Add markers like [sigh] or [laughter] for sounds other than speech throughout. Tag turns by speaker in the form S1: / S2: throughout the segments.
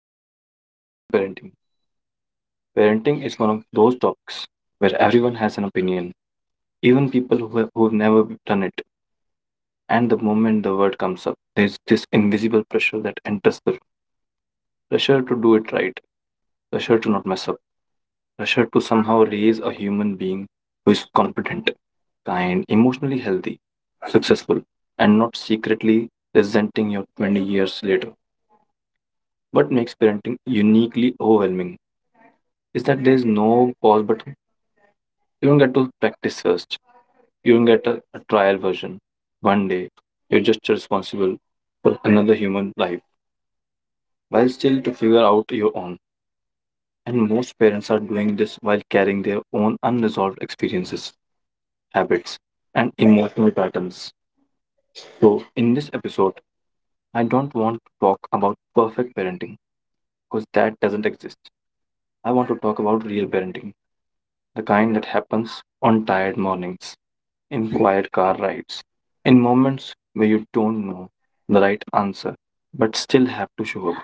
S1: Today's topic is on parenting. Parenting is one of those topics where everyone has an opinion, even people who have never done it. And the moment the word comes up, there's this invisible pressure that enters the room. Pressure to do it right, pressure to not mess up, pressure to somehow raise a human being who is competent, kind, emotionally healthy, successful, and not secretly resenting you 20 years later. What makes parenting uniquely overwhelming is that there's no pause button. You don't get to practice first. You don't get a trial version. One day, you're just responsible for another human life while still to figure out your own. And most parents are doing this while carrying their own unresolved experiences, habits, and emotional patterns. So, in this episode, I don't want to talk about perfect parenting because that doesn't exist. I want to talk about real parenting, the kind that happens on tired mornings, in quiet car rides, in moments where you don't know the right answer but still have to show up.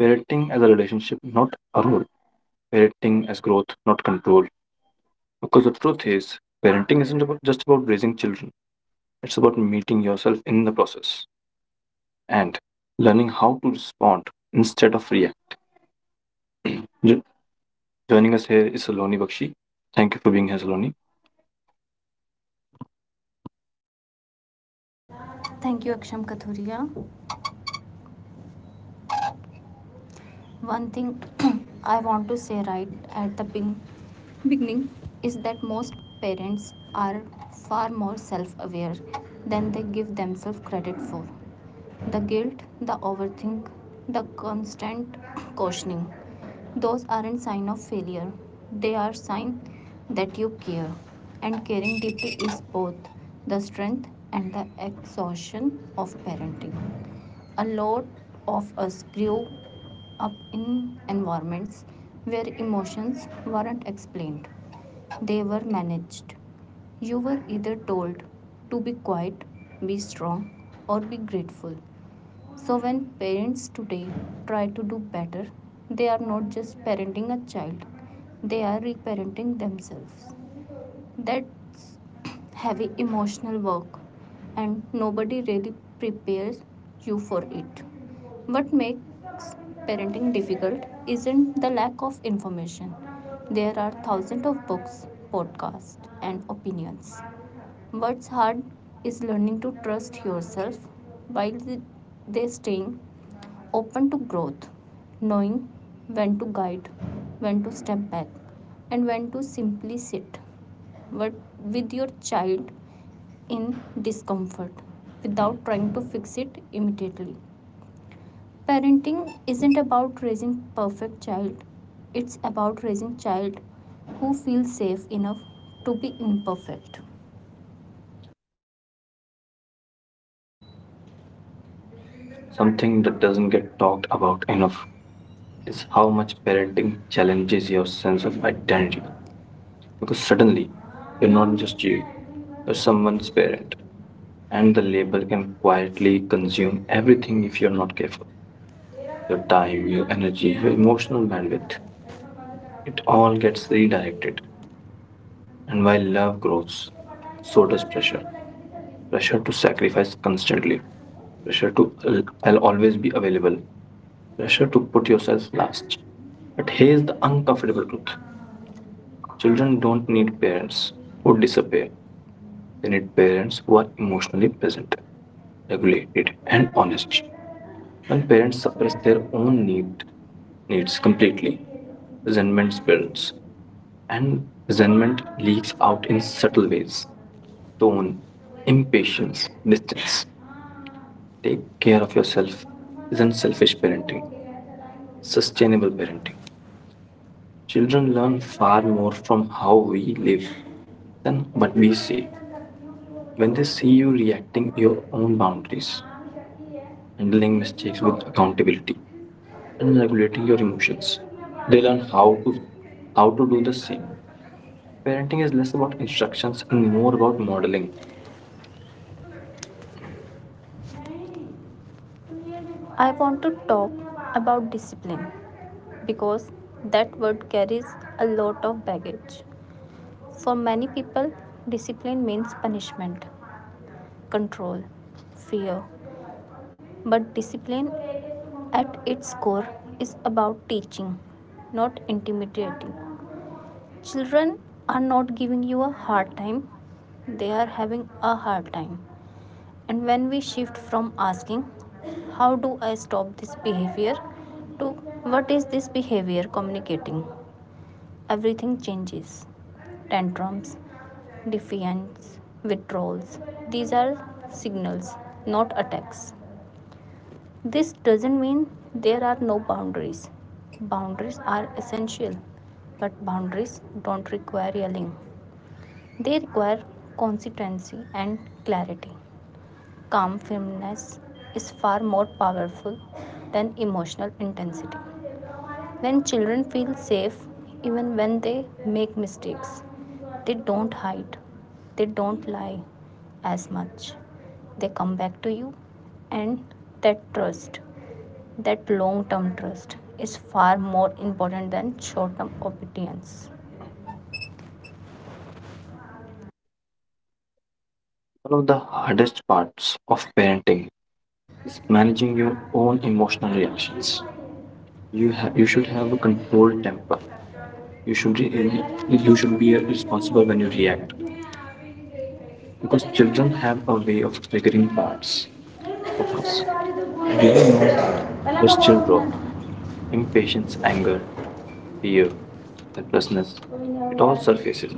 S1: Parenting as a relationship, not a role. Parenting as growth, not control. Because the truth is, parenting isn't about, just about raising children, it's about meeting yourself in the process and learning how to respond instead of react. Jo- Joining us here is Saloni Bakshi. Thank you for being here, Saloni. Something that doesn't get talked about enough is how much parenting challenges your sense of identity, because suddenly you're not just you, you're someone's parent, and the label can quietly consume everything if you're not careful. Your time, your energy, your emotional bandwidth, it all gets redirected. And while love grows, so does pressure. Pressure to sacrifice constantly, I'll always be available, pressure to put yourself last. But here's the uncomfortable truth: children don't need parents who disappear. Senate parents were emotionally present, regulated, and honest. When parents suppress their own needs completely, resentment builds, and resentment leaks out in subtle ways: tone, impatience, distance. Take care of yourself isn't selfish parenting, sustainable parenting. Children learn far more from how we live than what we see. When they see you reacting your own boundaries, handling mistakes with accountability, and regulating your emotions, they learn how to do the same. Parenting is less about instructions and more about modeling. One of the hardest parts of parenting is managing your own emotional reactions. You should have a controlled temper. You should re- you should be responsible when you react,
S2: इसको
S1: because
S2: उतरी जा
S1: children have a way
S2: madam.
S1: of triggering parts
S2: नहीं, मैं
S1: of
S2: चली
S1: us.
S2: जाने वाली तो
S1: They know
S2: कौन। पहला
S1: the
S2: का
S1: still
S2: बहुत
S1: raw
S2: सुना था।
S1: impatience, anger, fear, helplessness. It all surfaces.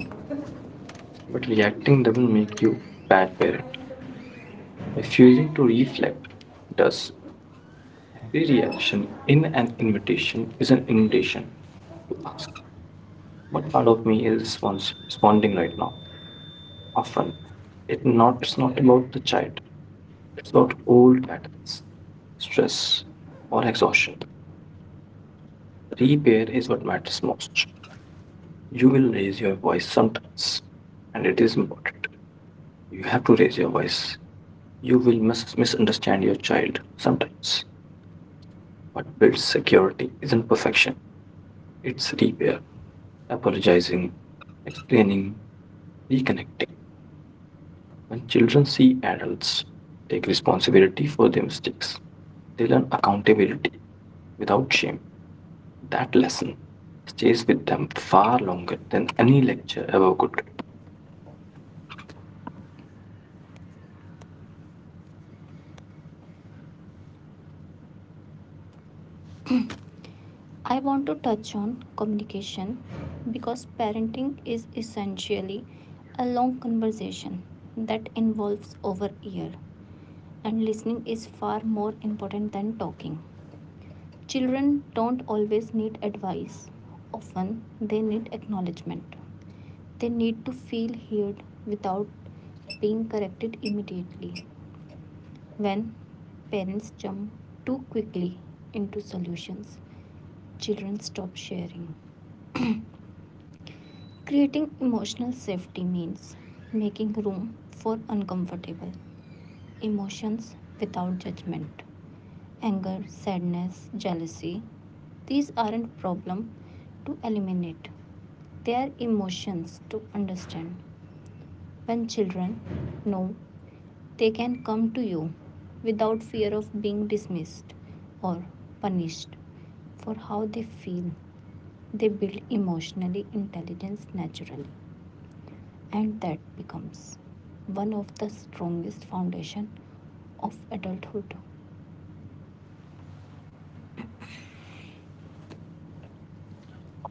S1: But reacting doesn't make you bad parent. Refusing to reflect does. Every reaction in an invitation is an invitation to ask: what part of me is responding right now? Often, it's not about the child. It's about old patterns, stress, or exhaustion. Repair is what matters most. You will raise your voice sometimes, and it is important. You have to raise your voice. You will misunderstand your child sometimes. What builds security isn't perfection, it's repair, apologizing, explaining, reconnecting. When children see adults take responsibility for their mistakes, they learn accountability without shame. That lesson stays with them far longer than any lecture ever could.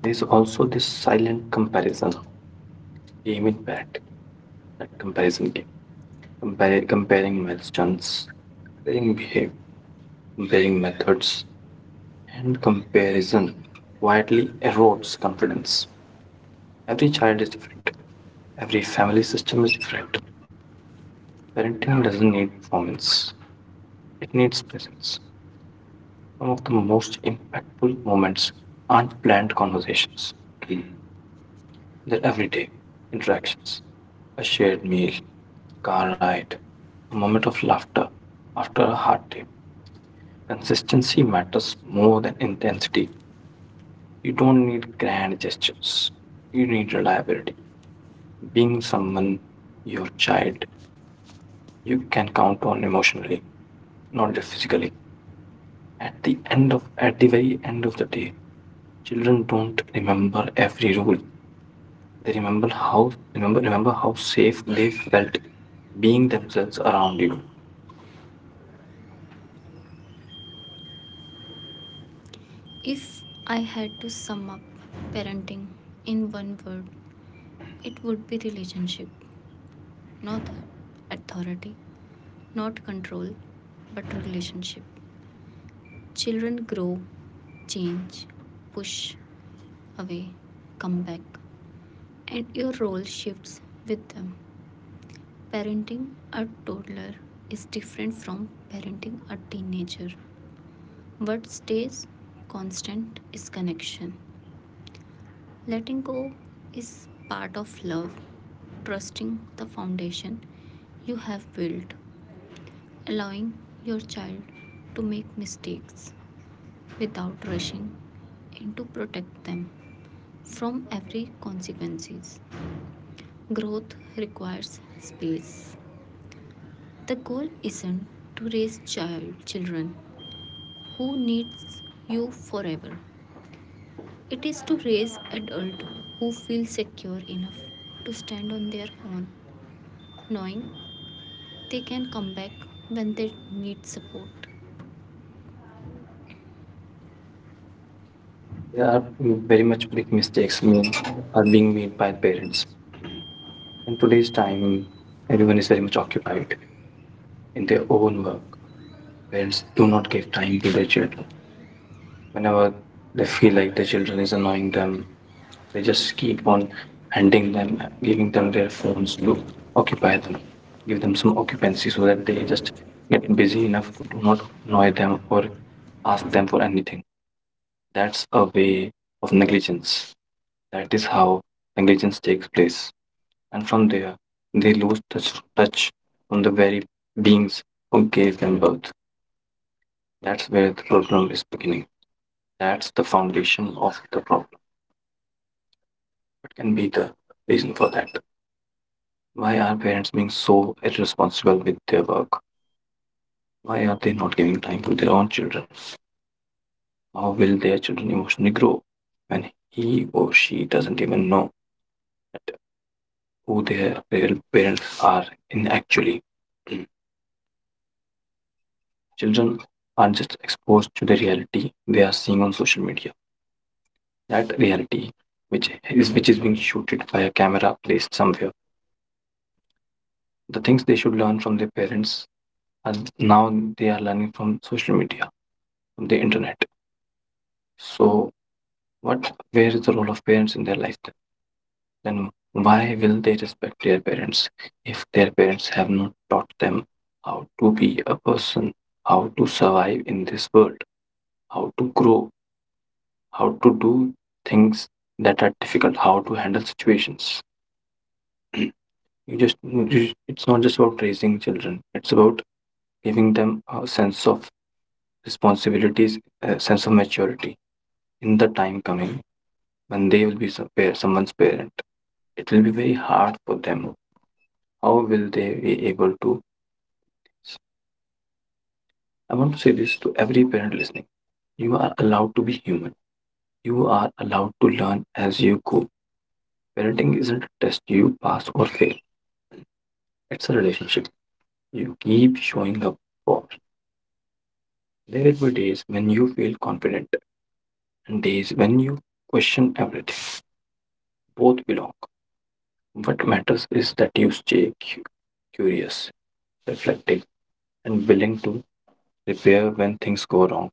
S1: There's also this silent comparison game in bed, that comparison game, comparing milestones, comparing behavior, comparing methods, and comparison quietly erodes confidence. Every child is different. Every family system is different. Parenting doesn't need performance, it needs presence. Some of the most impactful moments aren't planned conversations, [clears throat] they're everyday interactions. A shared meal, a car ride, a moment of laughter after a hard day. Consistency matters more than intensity. You don't need grand gestures, you need reliability. Being someone your child you can count on emotionally, not just physically. At the very end of the day, children don't remember every rule, they remember how safe they felt being themselves around you. There are very much big mistakes made are being made by parents in today's time. Everyone is very much occupied in their own work. Parents do not give time to their children. Whenever they feel like their children is annoying them, they just keep on giving them their phones to occupy them, give them some occupancy so that they just get busy enough to do not annoy them or ask them for anything. That's a way of negligence. That is how negligence takes place. And from there, they lose touch from the very beings who gave them birth. That's where the problem is beginning. That's the foundation of the problem. What can be the reason for that? Why are parents being so irresponsible with their work? Why are they not giving time to their own children? How will their children emotionally grow when he or she doesn't even know that who their real parents are in actually? [clears throat] Children are just exposed to the reality they are seeing on social media. That reality which is being shooted by a camera placed somewhere. The things they should learn from their parents are now they are learning from social media, from the internet. So What where is the role of parents in their life? Then why will they respect their parents if their parents have not taught them how to be a person, how to survive in this world, how to grow, how to do things that are difficult, how to handle situations? It's not just about raising children, it's about giving them a sense of responsibilities, a sense of maturity in the time coming when they will be someone's parent. It will be very hard for them. How will they be able to? I want to say this to every parent listening. You are allowed to be human. You are allowed to learn as you go. Parenting isn't a test you pass or fail, it's a relationship you keep showing up for. There will be days when you feel confident and days when you question everything. Both belong. What matters is that you stay curious, reflective, and willing to repair when things go wrong.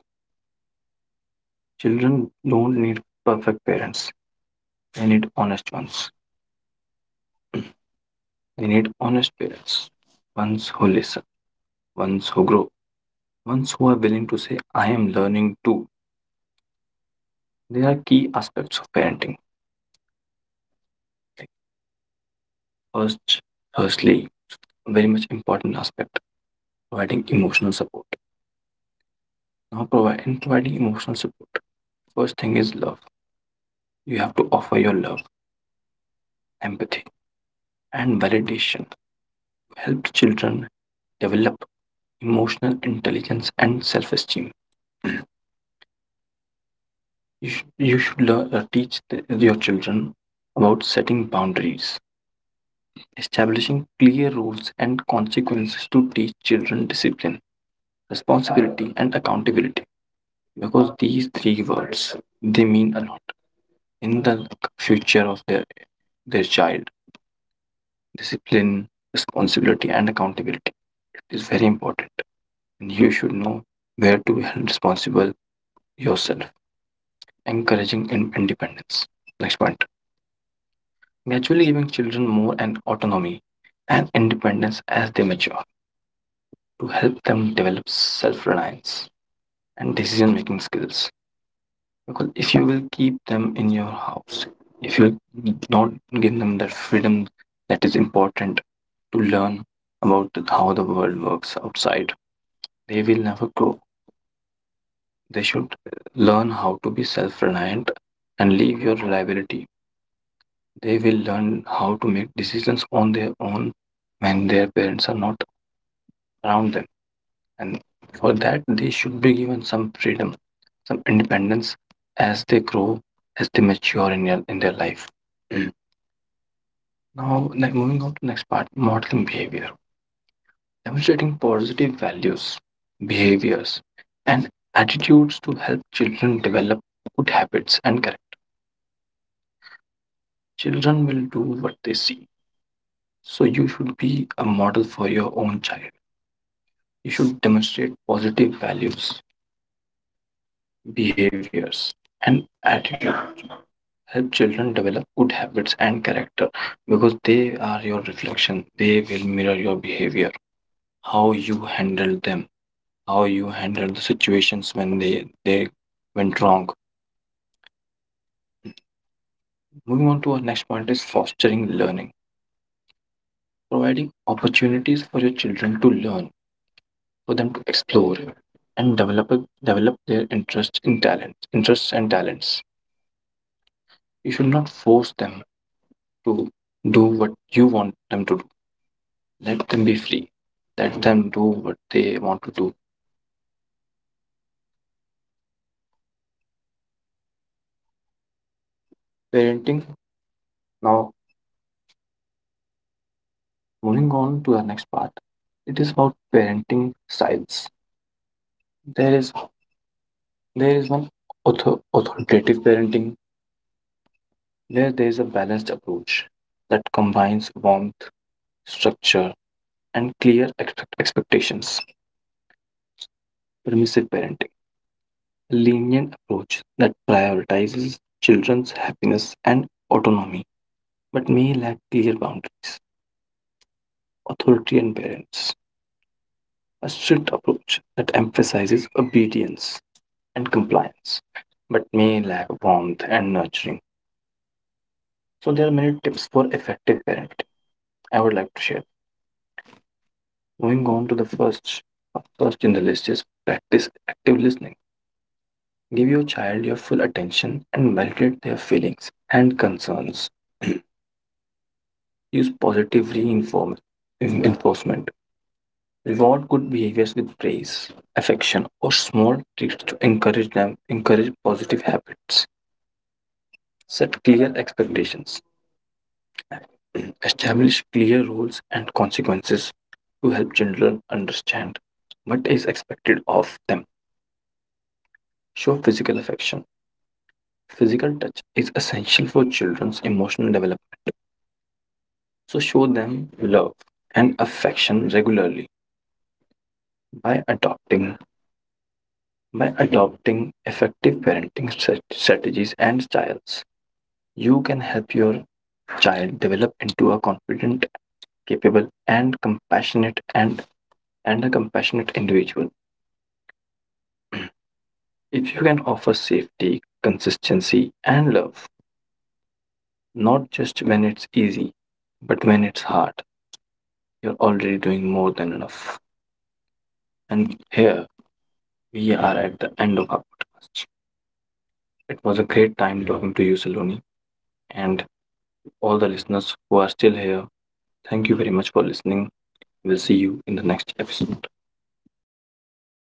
S1: Children don't need perfect parents. We need honest ones. [clears throat] We need honest parents. Ones who listen, ones who grow, ones who are willing to say, I am learning too. There are key aspects of parenting. Like first, firstly, a very much important aspect, providing emotional support. Now provide in providing emotional support. First thing is love. You have to offer your love, empathy, and validation to help children develop emotional intelligence and self-esteem. You should teach your children about setting boundaries, establishing clear rules and consequences to teach children discipline, responsibility, and accountability. Because these three words they mean a lot in the future of their child. Discipline, responsibility, and accountability is very important, and you should know where to be held responsible yourself, encouraging independence. Next point: gradually giving children more an autonomy and independence as they mature to help them develop self-reliance and decision-making skills. Because if you will keep them in your house, if you not give them that freedom that is important to learn about how the world works outside, they will never grow. They should learn how to be self-reliant and leave your reliability. They will learn how to make decisions on their own when their parents are not around them. And for that, they should be given some freedom, some independence as they grow, as they mature in in their life. Mm. Moving on to next part, modeling behavior, demonstrating positive values, behaviors, and attitudes to help children develop good habits and character. Children will do what they see. So you should be a model for your own child. You should demonstrate positive values, behaviors, and attitude help children develop good habits and character, because they are your reflection. They will mirror your behavior, how you handle them, how you handle the situations when they went wrong. Moving on to our next point is fostering learning, providing opportunities for your children to learn, for them to explore, and develop their interests and talents. You should not force them to do what you want them to do. Let them be free. Let them do what they want to do. Parenting. Now, moving on to our next part. It is about parenting styles. There is there is one authoritative parenting where there is a balanced approach that combines warmth, structure, and clear expectations. Permissive parenting, a lenient approach that prioritizes children's happiness and autonomy, but may lack clear boundaries. Authoritarian parents, a strict approach that emphasizes obedience and compliance, but may lack warmth and nurturing. So, there are many tips for effective parenting I would like to share. Moving on to the first in the list is practice active listening. Give your child your full attention and validate their feelings and concerns. Use positive reinforcement. Reward good behaviors with praise, affection, or small treats to encourage positive habits. Set clear expectations. [clears throat] Establish clear rules and consequences to help children understand what is expected of them. Show physical affection. Physical touch is essential for children's emotional development, so show them love and affection regularly by adopting by adopting effective parenting strategies and styles. You can help your child develop into a confident, capable, and a compassionate individual. If you can offer safety, consistency, and love, not just when it's easy, but when it's hard, you're already doing more than enough. And here we are at the end of our podcast. It was a great time talking to you, Saloni, and all the listeners who are still here. Thank you very much for listening. We'll see you in the next episode.